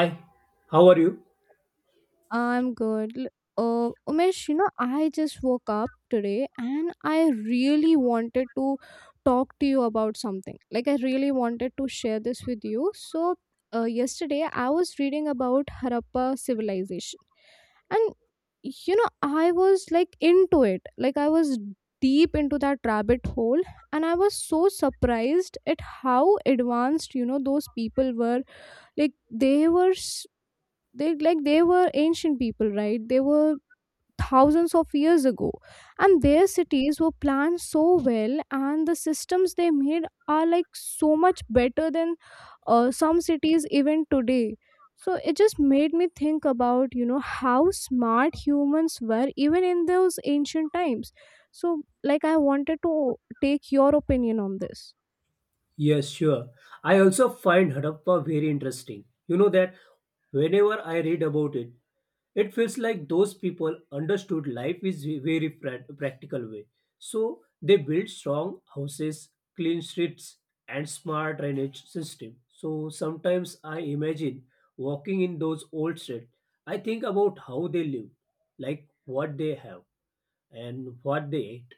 Hi, how are you? I'm good. Umesh, I just woke up today and I really wanted to talk to you about something. Like, I really wanted to share this with you. So, yesterday I was reading about Harappa civilization. And I was like into it. Like, I was deep into that rabbit hole, and I was so surprised at how advanced, those people were. Like they were they like they were ancient people, right? They were thousands of years ago, and their cities were planned so well, and the systems they made are like so much better than some cities even today. So it just made me think about how smart humans were even in those ancient times. So like I wanted to take your opinion on this. Yes, sure. I also find Harappa very interesting. You know that whenever I read about it, it feels like those people understood life is a very practical way. So they built strong houses, clean streets, and smart drainage system. So sometimes I imagine walking in those old streets. I think about how they lived, like what they have and what they ate,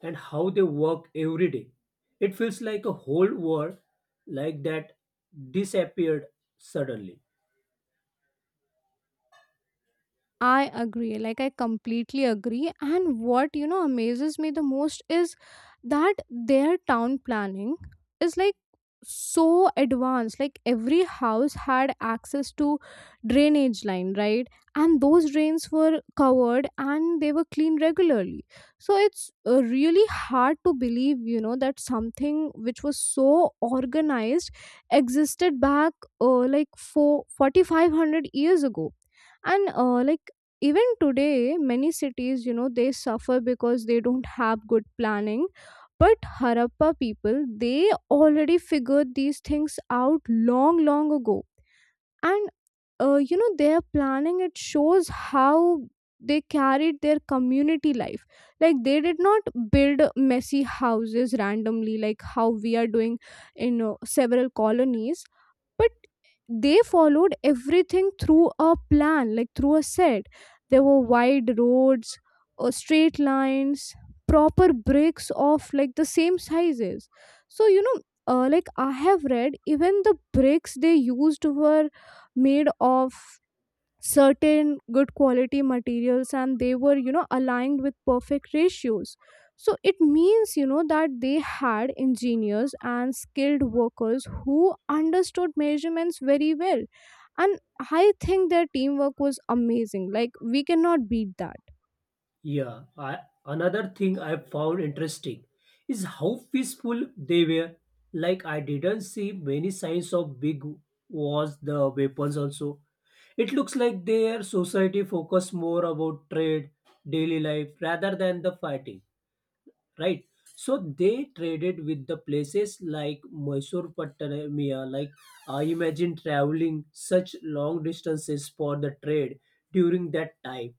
and how they work every day. It feels like a whole world like that disappeared suddenly. I agree. Like, I completely agree. And what, amazes me the most is that their town planning is like so advanced. Like, every house had access to drainage line, right? And those drains were covered, and they were cleaned regularly. So, it's really hard to believe, that something which was so organized existed back like 4,500 years ago. And like even today many cities, they suffer because they don't have good planning. But Harappa people, they already figured these things out long, long ago. And their planning, it shows how they carried their community life. Like they did not build messy houses randomly like how we are doing in several colonies. But they followed everything through a plan, like through a set. There were wide roads, straight lines, proper bricks of like the same sizes. So, like I have read, even the bricks they used were made of certain good quality materials, and they were, aligned with perfect ratios. So it means, that they had engineers and skilled workers who understood measurements very well. And I think their teamwork was amazing. Like, we cannot beat that. Yeah, another thing I found interesting is how peaceful they were. Like I didn't see many signs of big wars, the weapons also. It looks like their society focused more about trade, daily life rather than the fighting, right? So they traded with the places like Mysore, Mesopotamia. Like imagine traveling such long distances for the trade during that time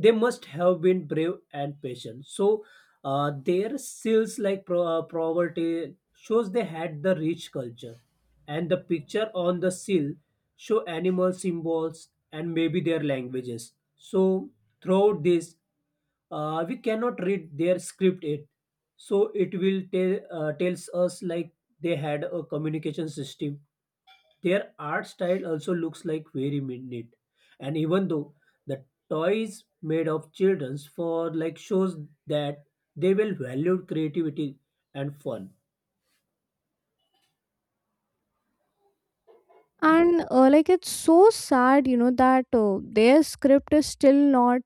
they must have been brave and patient. So their seals like poverty shows they had the rich culture, and the picture on the seal show animal symbols and maybe their languages. So throughout this, we cannot read their script it so it will tells us like they had a communication system. Their art style also looks like very neat. And even though the toys made of children's for like shows that they will value creativity and fun. And like it's so sad, that their script is still not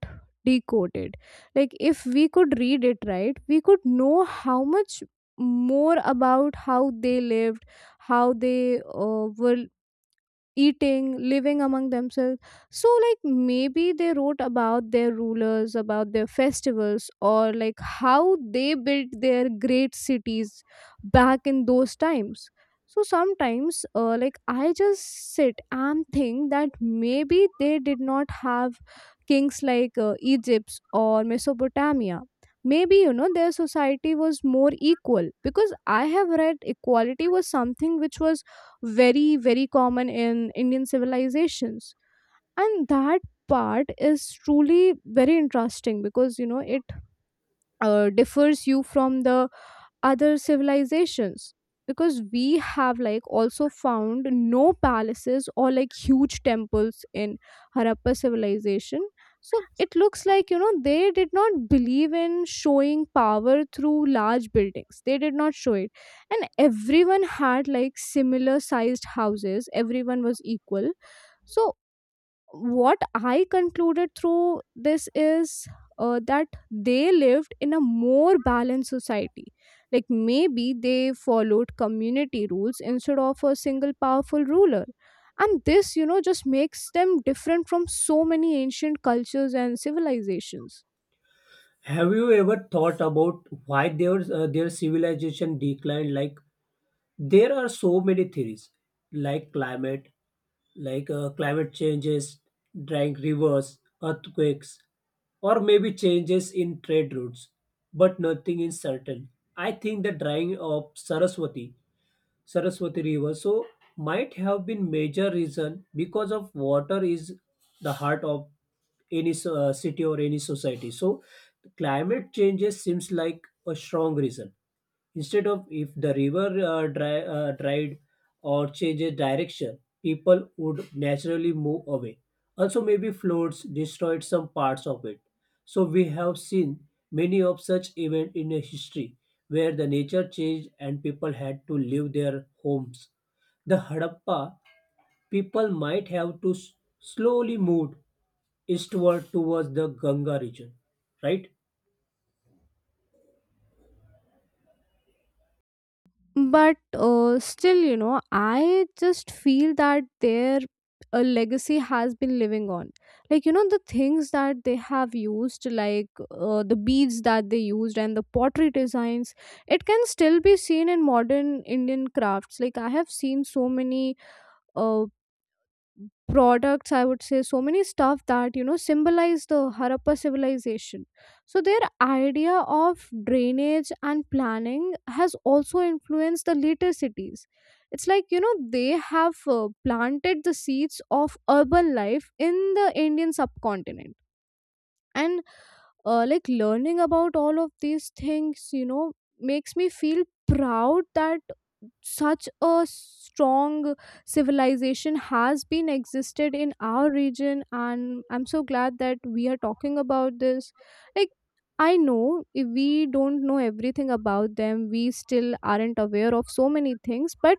decoded. Like if we could read it, right, we could know how much more about how they lived, how they were eating, living among themselves. So, like, maybe they wrote about their rulers, about their festivals, or like how they built their great cities back in those times. So, sometimes, like, I just sit and think that maybe they did not have kings like Egypt or Mesopotamia. Maybe, their society was more equal, because I have read equality was something which was very, very common in Indian civilizations. And that part is truly very interesting, because it differs you from the other civilizations, because we have like also found no palaces or like huge temples in Harappa civilization. So it looks like, they did not believe in showing power through large buildings. They did not show it. And everyone had like similar sized houses. Everyone was equal. So what I concluded through this is that they lived in a more balanced society. Like maybe they followed community rules instead of a single powerful ruler. And this, just makes them different from so many ancient cultures and civilizations. Have you ever thought about why their their civilization declined? Like there are so many theories, like climate, like climate changes, drying rivers, earthquakes, or maybe changes in trade routes, but nothing is certain. I think the drying of Saraswati River so might have been major reason because of water is the heart of any city or any society. So climate changes seems like a strong reason. Instead of if the river dried or changes direction, people would naturally move away. Also, maybe floods destroyed some parts of it, so we have seen many of such events in a history where the nature changed and people had to leave their homes. The Harappa people might have to slowly move eastward towards the Ganga region, right? But still, I just feel that their a legacy has been living on. Like, the things that they have used, like the beads that they used and the pottery designs, it can still be seen in modern Indian crafts. Like, I have seen so many uh, products, I would say so many stuff that, symbolize the Harappa civilization. So their idea of drainage and planning has also influenced the later cities. It's like, they have planted the seeds of urban life in the Indian subcontinent. And like learning about all of these things, makes me feel proud that such a strong civilization has been existed in our region, and I'm so glad that we are talking about this. Like, I know we don't know everything about them. We still aren't aware of so many things, but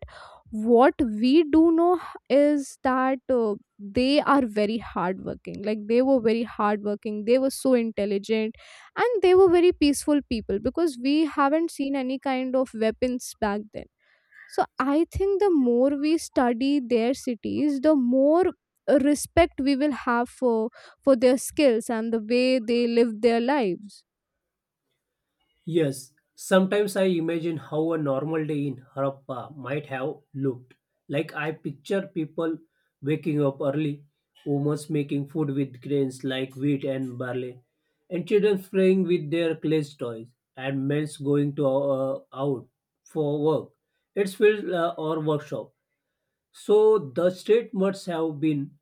what we do know is that they are very hardworking. Like they were very hardworking, they were so intelligent, and they were very peaceful people, because we haven't seen any kind of weapons back then. So I think the more we study their cities, the more respect we will have for their skills and the way they live their lives. Yes, sometimes I imagine how a normal day in Harappa might have looked. Like I picture people waking up early, women making food with grains like wheat and barley, and children playing with their clay toys, and men going to out for work. It's field or workshop. So the street must have been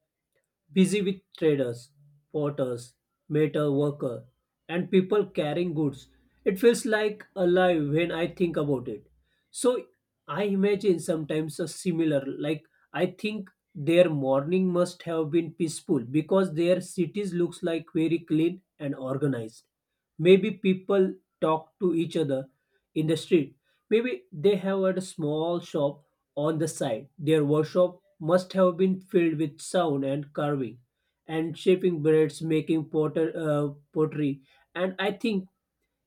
busy with traders, porters, meter worker, and people carrying goods. It feels like alive when I think about it. So I imagine sometimes a similar, like I think their morning must have been peaceful because their cities looks like very clean and organized. Maybe people talk to each other in the street. Maybe they have had a small shop on the side. Their workshop must have been filled with sound and carving and shaping breads, making pottery, and I think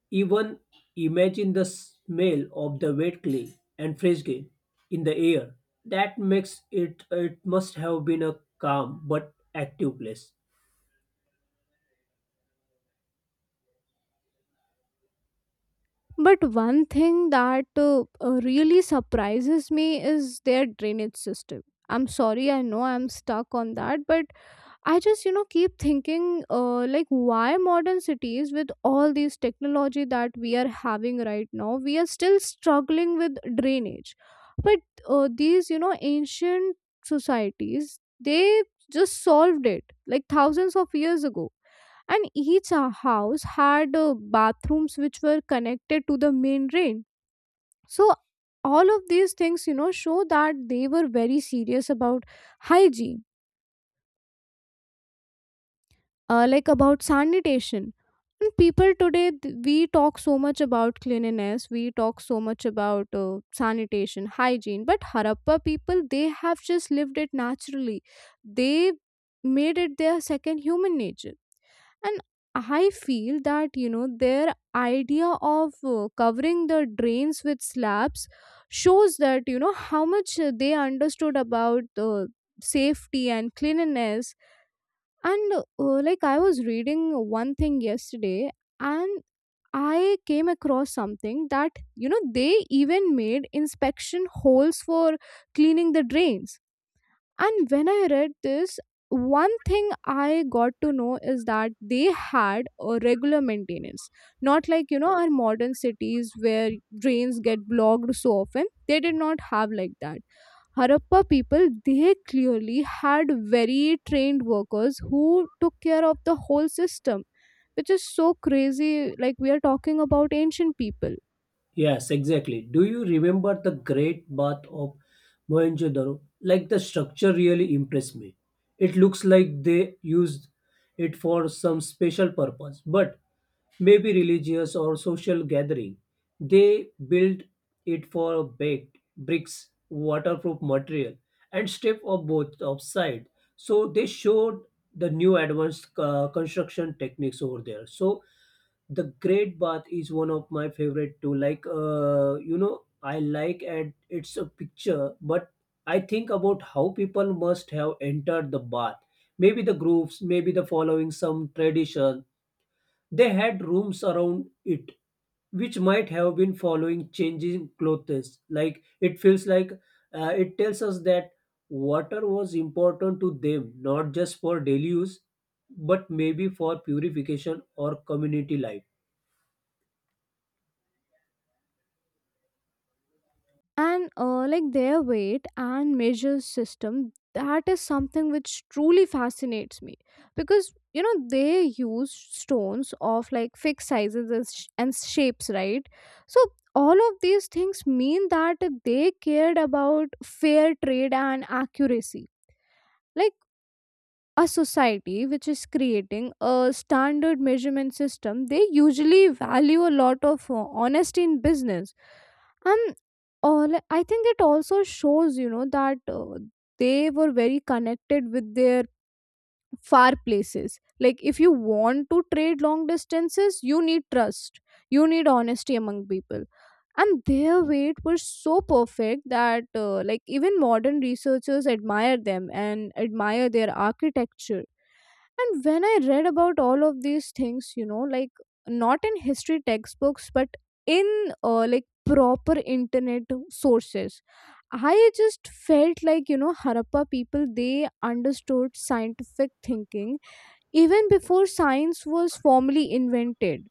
even imagine the smell of the wet clay and fresh grain in the air. That makes it must have been a calm but active place. But one thing that really surprises me is their drainage system. I'm sorry, I know I'm stuck on that, but I just, keep thinking, like, why modern cities with all these technology that we are having right now, we are still struggling with drainage. But these, ancient societies, they just solved it like thousands of years ago. And each house had bathrooms which were connected to the main drain. So all of these things, show that they were very serious about hygiene, like about sanitation. And people today, we talk so much about cleanliness, we talk so much about sanitation, hygiene, but Harappa people, they have just lived it naturally. They made it their second human nature. And I feel that, their idea of covering the drains with slabs shows, that how much they understood about safety and cleanliness. And like I was reading one thing yesterday, and I came across something that, they even made inspection holes for cleaning the drains. And when I read this, one thing I got to know is that they had a regular maintenance. Not like, our modern cities where drains get blocked so often. They did not have like that. Harappa people, they clearly had very trained workers who took care of the whole system, which is so crazy. Like, we are talking about ancient people. Yes, exactly. Do you remember the great bath of Mohenjo-daro? Like the structure really impressed me. It looks like they used it for some special purpose, but maybe religious or social gathering. They built it for baked bricks, waterproof material, and strip of both of side. So they showed the new advanced construction techniques over there. So the Great Bath is one of my favorite too. Like I like and it's a picture, but I think about how people must have entered the bath. Maybe the groups, maybe the following some tradition, they had rooms around it, which might have been following changing clothes. Like it feels like it tells us that water was important to them, not just for daily use, but maybe for purification or community life. And like their weight and measure system, that is something which truly fascinates me, because, they use stones of like fixed sizes and shapes, right? So all of these things mean that they cared about fair trade and accuracy. Like a society which is creating a standard measurement system, they usually value a lot of honesty in business. And all, I think, it also shows, that they were very connected with their far places. Like if you want to trade long distances, you need trust, you need honesty among people. And their weight was so perfect that, like even modern researchers admire them and admire their architecture. And when I read about all of these things, like not in history textbooks, but in like proper internet sources, I just felt like, Harappa people, they understood scientific thinking even before science was formally invented.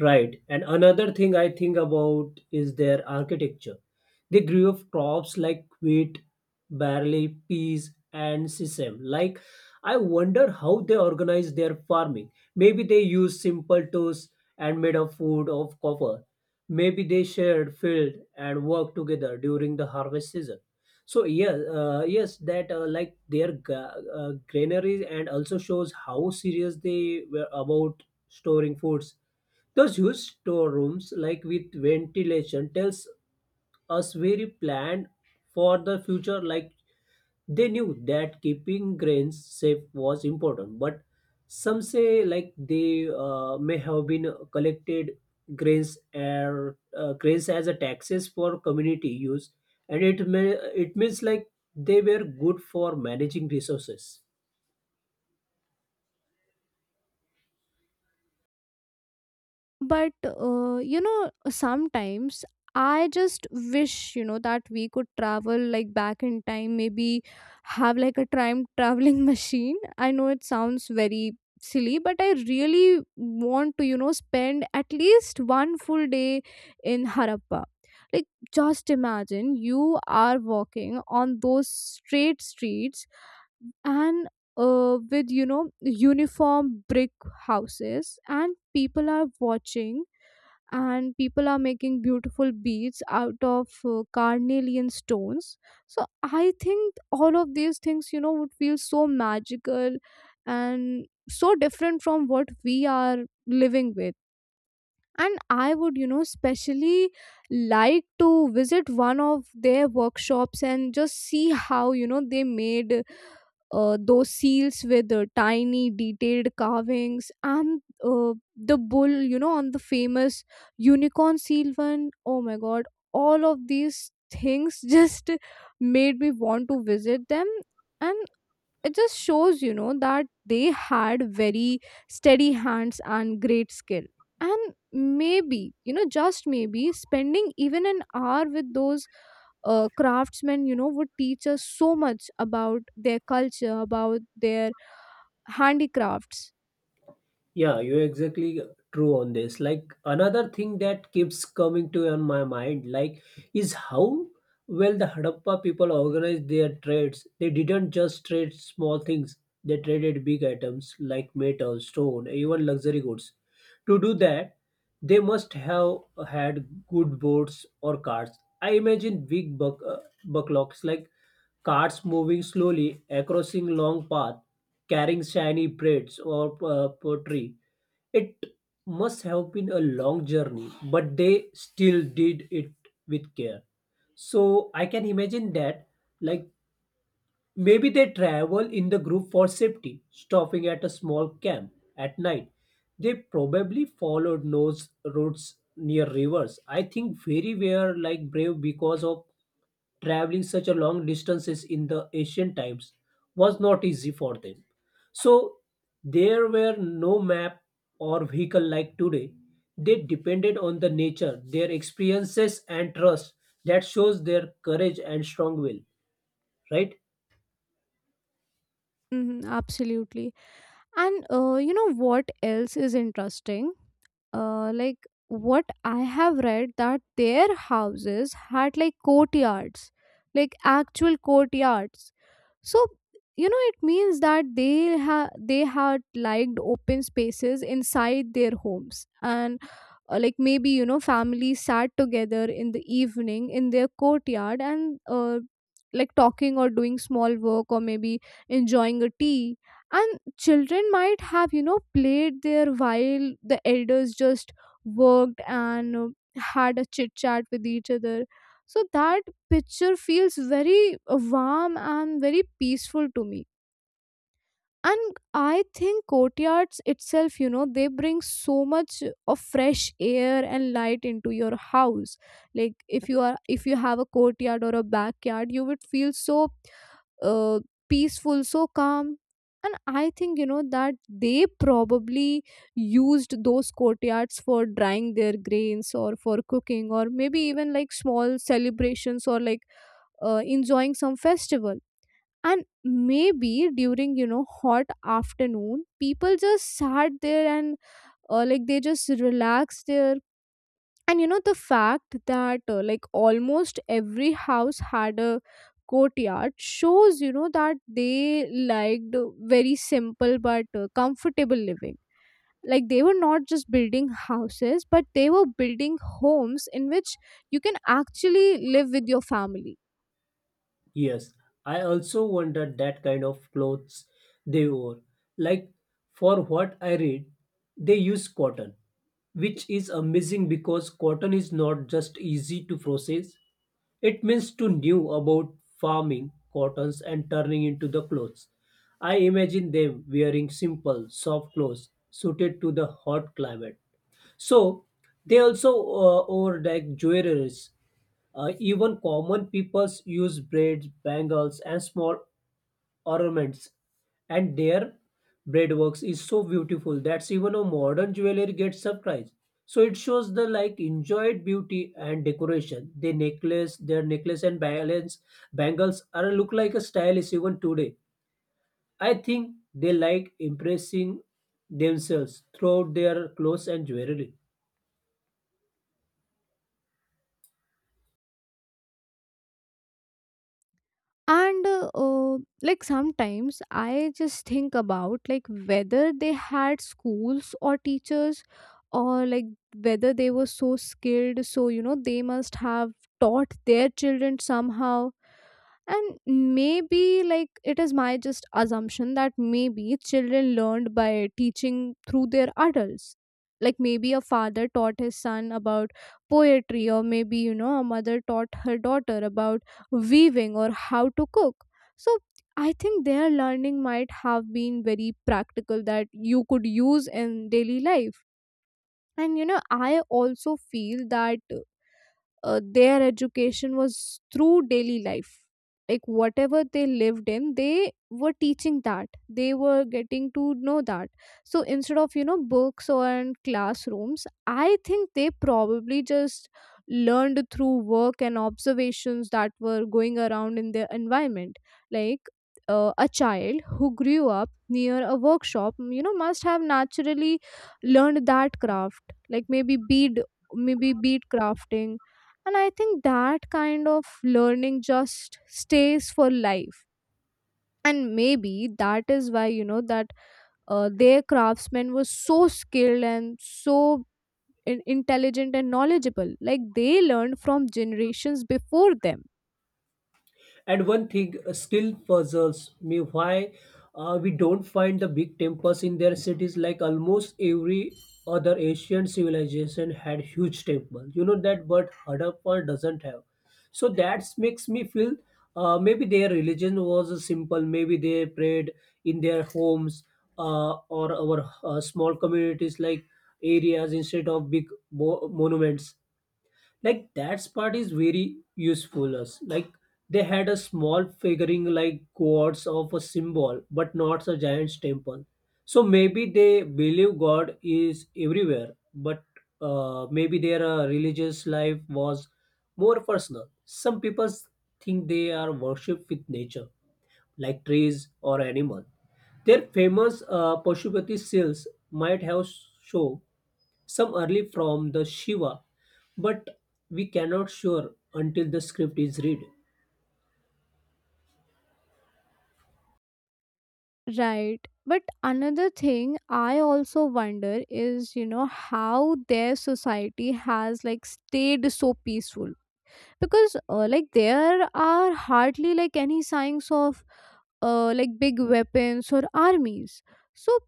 Right. And another thing I think about is their architecture. They grew up crops like wheat, barley, peas, and sesame. Like, I wonder how they organized their farming. Maybe they used simple tools and made a food of copper. Maybe they shared field and worked together during the harvest season. So yeah, yes, that like their granaries and also shows how serious they were about storing foods. Those huge storerooms, like with ventilation, tells us very planned for the future, like they knew that keeping grains safe was important, but some say like they may have been collected grains as a taxes for community use, and it may it means like they were good for managing resources. But sometimes I just wish, that we could travel like back in time, maybe have like a time traveling machine. I know it sounds very silly, but I really want to, spend at least one full day in Harappa. Like, just imagine you are walking on those straight streets, and with, uniform brick houses, and people are watching, and people are making beautiful beads out of carnelian stones. So I think all of these things, would feel so magical and so different from what we are living with. And I would, specially like to visit one of their workshops and just see how, they made those seals with tiny detailed carvings, and the bull, on the famous unicorn seal one. Oh my god, all of these things just made me want to visit them. And it just shows, you know, that they had very steady hands and great skill. And maybe, you know, just maybe spending even an hour with those craftsmen, you know, would teach us so much about their culture, about their handicrafts. Yeah, you're exactly true on this. Like another thing that keeps coming to on my mind, like, is how well the Harappa people organized their trades. They didn't just trade small things. They traded big items like metal, stone, even luxury goods. To do that, they must have had good boats or carts. I imagine big bucklocks like carts moving slowly across a long path, carrying shiny braids or pottery. It must have been a long journey, but they still did it with care. So I can imagine that, like maybe they travel in the group for safety, stopping at a small camp at night. They probably followed those routes near rivers. I think very were like brave because of traveling such a long distances in the ancient times was not easy for them. So there were no map or vehicle like today. They depended on the nature, their experiences and trust that shows their courage and strong will, right? Hmm, absolutely. And you know what else is interesting, like, what I have read, that their houses had like courtyards, like actual courtyards. So you know it means that they had liked open spaces inside their homes. And like maybe, you know, families sat together in the evening in their courtyard and, like, talking or doing small work or maybe enjoying a tea. And children might have, you know, played there while the elders just worked and, had a chit chat with each other. So that picture feels very warm and very peaceful to me. And I think courtyards itself, you know, they bring so much of fresh air and light into your house. Like if you are, if you have a courtyard or a backyard, you would feel so, uh, peaceful, so calm. And I think, you know, that they probably used those courtyards for drying their grains or for cooking or maybe even like small celebrations or like, enjoying some festival. And maybe during, you know, hot afternoon, people just sat there and, like, they just relaxed there. And you know the fact that, like, almost every house had a courtyard shows, you know, that they liked very simple but comfortable living. Like they were not just building houses, but they were building homes in which you can actually live with your family. Yes, I also wondered that kind of clothes they wore. Like, for what I read, they use cotton, which is amazing because cotton is not just easy to process. It means to knew about farming cottons and turning into the clothes. I imagine them wearing simple, soft clothes suited to the hot climate. So they also wore like jewelries, even common peoples use braids, bangles, and small ornaments, and their braidworks is so beautiful that even a modern jewelry gets surprised. So it shows the like enjoyed beauty and decoration. The necklace, their necklace and balance bangles are look like a stylist even today. I think they like impressing themselves throughout their clothes and jewelry. And like sometimes I just think about like whether they had schools or teachers, or like whether they were so skilled, so you know they must have taught their children somehow. And maybe, like, it is my just assumption, that maybe children learned by teaching through their adults. Like maybe a father taught his son about poetry, or maybe, you know, a mother taught her daughter about weaving or how to cook. So I think their learning might have been very practical, that you could use in daily life. And you know I also feel that, their education was through daily life. Like whatever they lived in, they were teaching that, they were getting to know that. So instead of, you know, books or in classrooms, I think they probably just learned through work and observations that were going around in their environment. Like, a child who grew up near a workshop, mm, you know, must have naturally learned that craft, like maybe bead crafting. And I think that kind of learning just stays for life. And maybe that is why, you know, that their craftsmen was so skilled and so intelligent and knowledgeable. Like they learned from generations before them. And one thing still puzzles me why we don't find the big temples in their cities like almost every other Asian civilization had huge temples. You know that, but Harappa doesn't have. So that makes me feel maybe their religion was simple. Maybe they prayed in their homes or our small communities like areas instead of big monuments. Like that part is very useful us like they had a small figuring like gods of a symbol but not a giant's temple, so maybe they believe god is everywhere, but maybe their religious life was more personal. Some people think they are worship with nature like trees or animal. Their famous Pashupati seals might have show some early from the Shiva, but we cannot sure until the script is read. Right, but another thing I also wonder is, you know, how their society has like stayed so peaceful, because, like, there are hardly like any signs of, like, big weapons or armies. So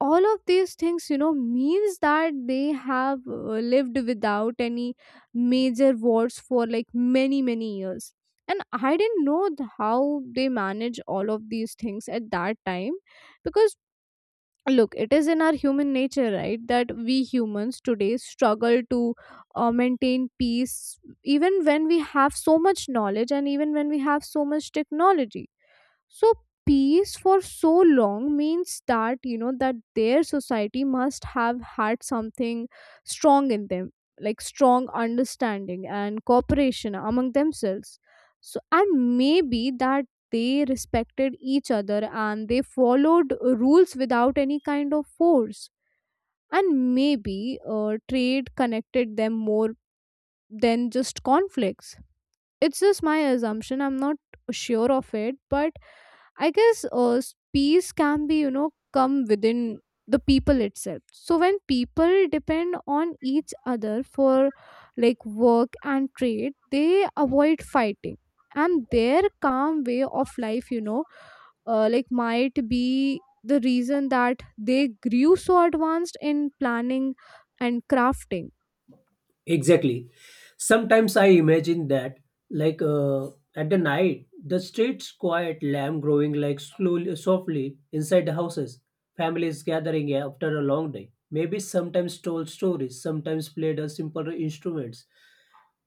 all of these things, you know, means that they have lived without any major wars for like many many years. And I didn't know how they manage all of these things at that time. Because, look, it is in our human nature, right, that we humans today struggle to maintain peace even when we have so much knowledge and even when we have so much technology. So peace for so long means that you know that their society must have had something strong in them, like strong understanding and cooperation among themselves. So and maybe that they respected each other and they followed rules without any kind of force. And maybe trade connected them more than just conflicts. It's just my assumption. I'm not sure of it, but I guess peace can be, you know, come within the people itself. So when people depend on each other for like work and trade, they avoid fighting. And their calm way of life, you know, like might be the reason that they grew so advanced in planning and crafting. Exactly. Sometimes I imagine that, like at the night, the streets quiet, lamb growing like slowly, softly inside the houses, families gathering after a long day. Maybe sometimes told stories, sometimes played a simple instruments.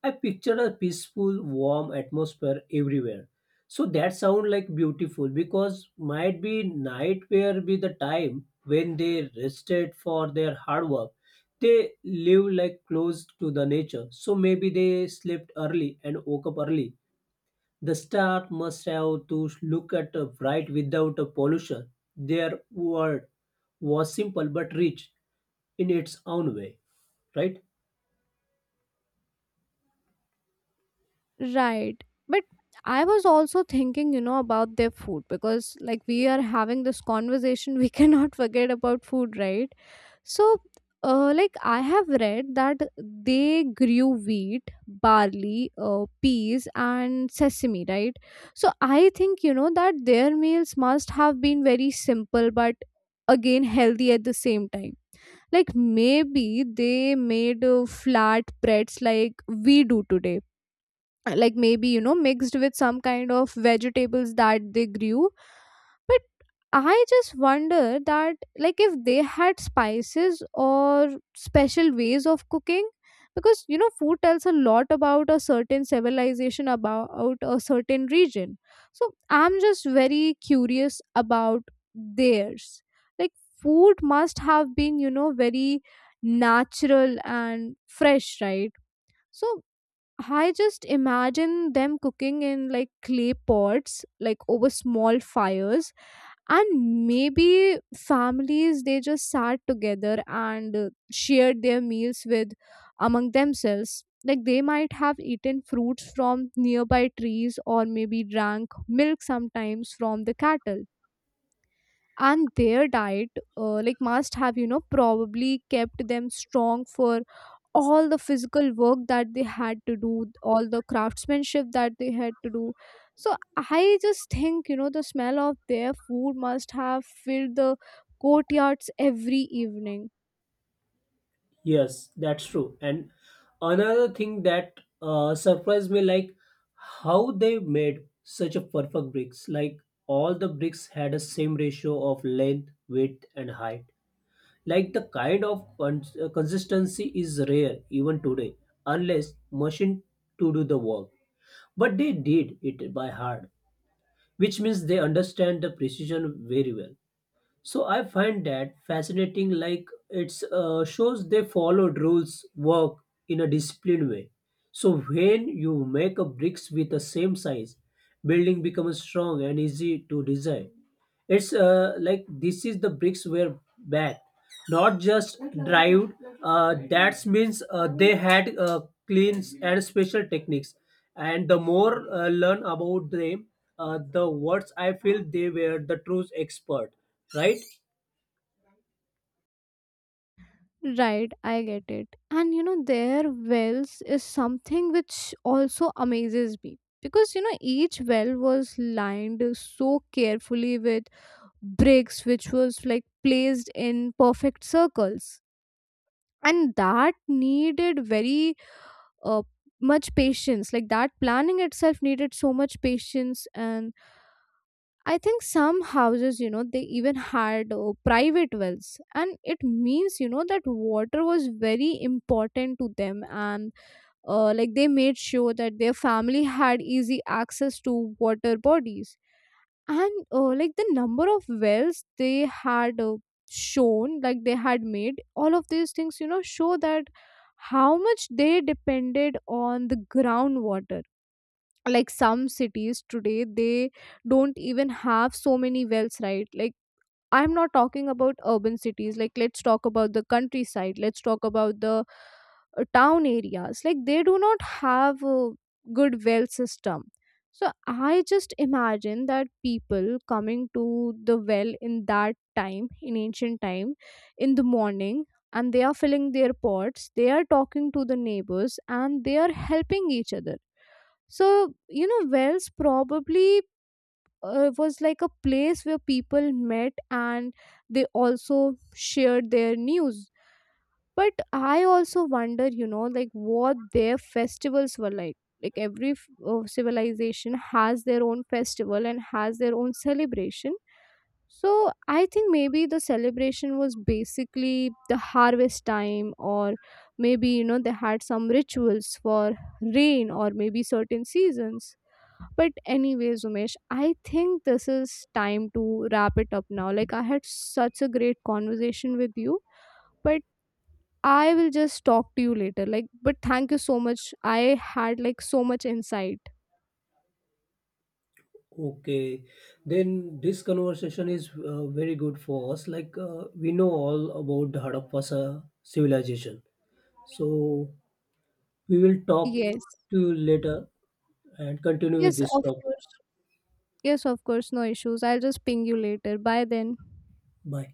I picture a peaceful, warm atmosphere everywhere. So that sound like beautiful because might be night where be the time when they rested for their hard work. They live like close to the nature, so maybe they slept early and woke up early. The star must have to look at a bright without a pollution. Their world was simple but rich in its own way, right? Right. But I was also thinking, you know, about their food because, like, we are having this conversation, we cannot forget about food, right? So, like, I have read that they grew wheat, barley, peas, and sesame, right? So, I think, you know, that their meals must have been very simple but again healthy at the same time. Like, maybe they made flat breads like we do today, like maybe, you know, mixed with some kind of vegetables that they grew. But I just wonder that, like, if they had spices or special ways of cooking, because you know food tells a lot about a certain civilization, about a certain region. So I'm just very curious about theirs. Like, food must have been, you know, very natural and fresh, right? So I just imagine them cooking in like clay pots, like over small fires. And maybe families, they just sat together and, shared their meals with among themselves. Like they might have eaten fruits from nearby trees, or maybe drank milk sometimes from the cattle. And their diet, like must have, you know, probably kept them strong for all the physical work that they had to do, all the craftsmanship that they had to do. So I just think, you know, the smell of their food must have filled the courtyards every evening. Yes, that's true. And another thing that surprised me, like how they made such a perfect bricks. Like all the bricks had a same ratio of length, width, and height. Like the kind of consistency is rare even today, unless machine to do the work. But they did it by heart, which means they understand the precision very well. So I find that fascinating. Like it's shows they followed rules, work in a disciplined way. So when you make a bricks with the same size, building becomes strong and easy to design. It's like this is the bricks were bad, not just dried. That means they had clean and special techniques. And the more learn about them, the words I feel they were the true expert, right? Right, I get it. And you know their wells is something which also amazes me, because you know each well was lined so carefully with bricks which was like placed in perfect circles. And that needed very uh, much patience, like that planning itself needed so much patience. And I think some houses, you know, they even had private wells, and it means, you know, that water was very important to them. And, like, they made sure that their family had easy access to water bodies. And, like, the number of wells they had, shown like they had made, all of these things, you know, show that how much they depended on the groundwater. Like some cities today, they don't even have so many wells, right? Like, I'm not talking about urban cities. Like, let's talk about the countryside. Let's talk about the town areas. Like, they do not have a good well system. So, I just imagine that people coming to the well in that time, in ancient time, in the morning, and they are filling their pots, they are talking to the neighbors, and they are helping each other. So, you know, wells probably, was like a place where people met and they also shared their news. But I also wonder, you know, like what their festivals were like. Like every civilization has their own festival and has their own celebration. So I think maybe the celebration was basically the harvest time, or maybe, you know, they had some rituals for rain or maybe certain seasons. But anyways, Umesh, I think this is time to wrap it up now. Like, I had such a great conversation with you, but I will just talk to you later. Like, but thank you so much. I had like so much insight. Okay, then this conversation is very good for us. Like we know all about the Harappa civilization, so we will talk Yes. to you later and continue with Yes, this of topic. course. Yes, of course. No issues. I'll just ping you later. Bye then. Bye.